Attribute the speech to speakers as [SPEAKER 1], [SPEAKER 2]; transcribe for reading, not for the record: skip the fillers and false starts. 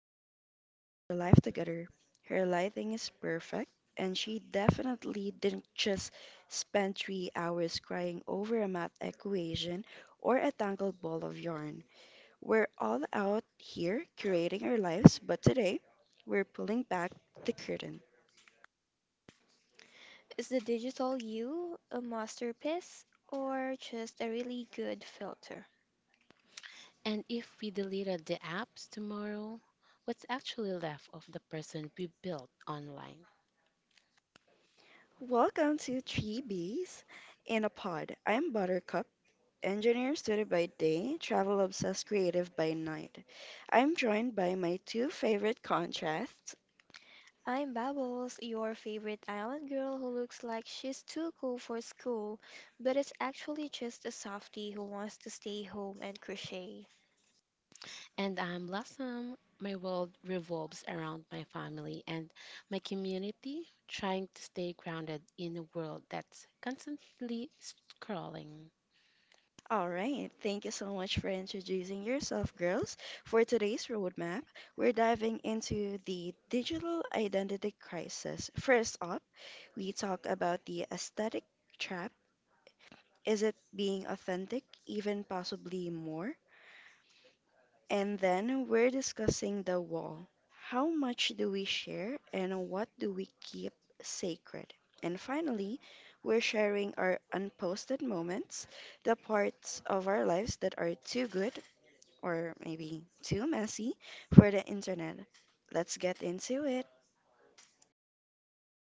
[SPEAKER 1] like she has her life together. Her lighting is perfect, and she definitely didn't just spend 3 hours crying over a math equation or a tangled ball of yarn. We're all out here curating our lives, but today we're pulling back the curtain.
[SPEAKER 2] Is the digital you a masterpiece or just a really good filter?
[SPEAKER 3] And if we deleted the apps tomorrow, what's actually left of the person we built online?
[SPEAKER 1] Welcome to Three Bees in a Pod. I'm Buttercup, engineer student by day, travel obsessed creative by night. I'm joined by my two favorite contrasts.
[SPEAKER 2] I'm Bubbles, your favorite island girl who looks like she's too cool for school, but is actually just a softie who wants to stay home and crochet.
[SPEAKER 3] And I'm Blossom. My world revolves around my family and my community, trying to stay grounded in a world that's constantly scrolling.
[SPEAKER 1] All right, thank you so much for introducing yourself, girls. For today's roadmap, we're diving into the digital identity crisis. First up, we talk about the aesthetic trap. Is it being authentic, even possibly more? And then we're discussing the wall. How much do we share and what do we keep sacred? And finally, we're sharing our unposted moments, the parts of our lives that are too good or maybe too messy for the internet. Let's get into it.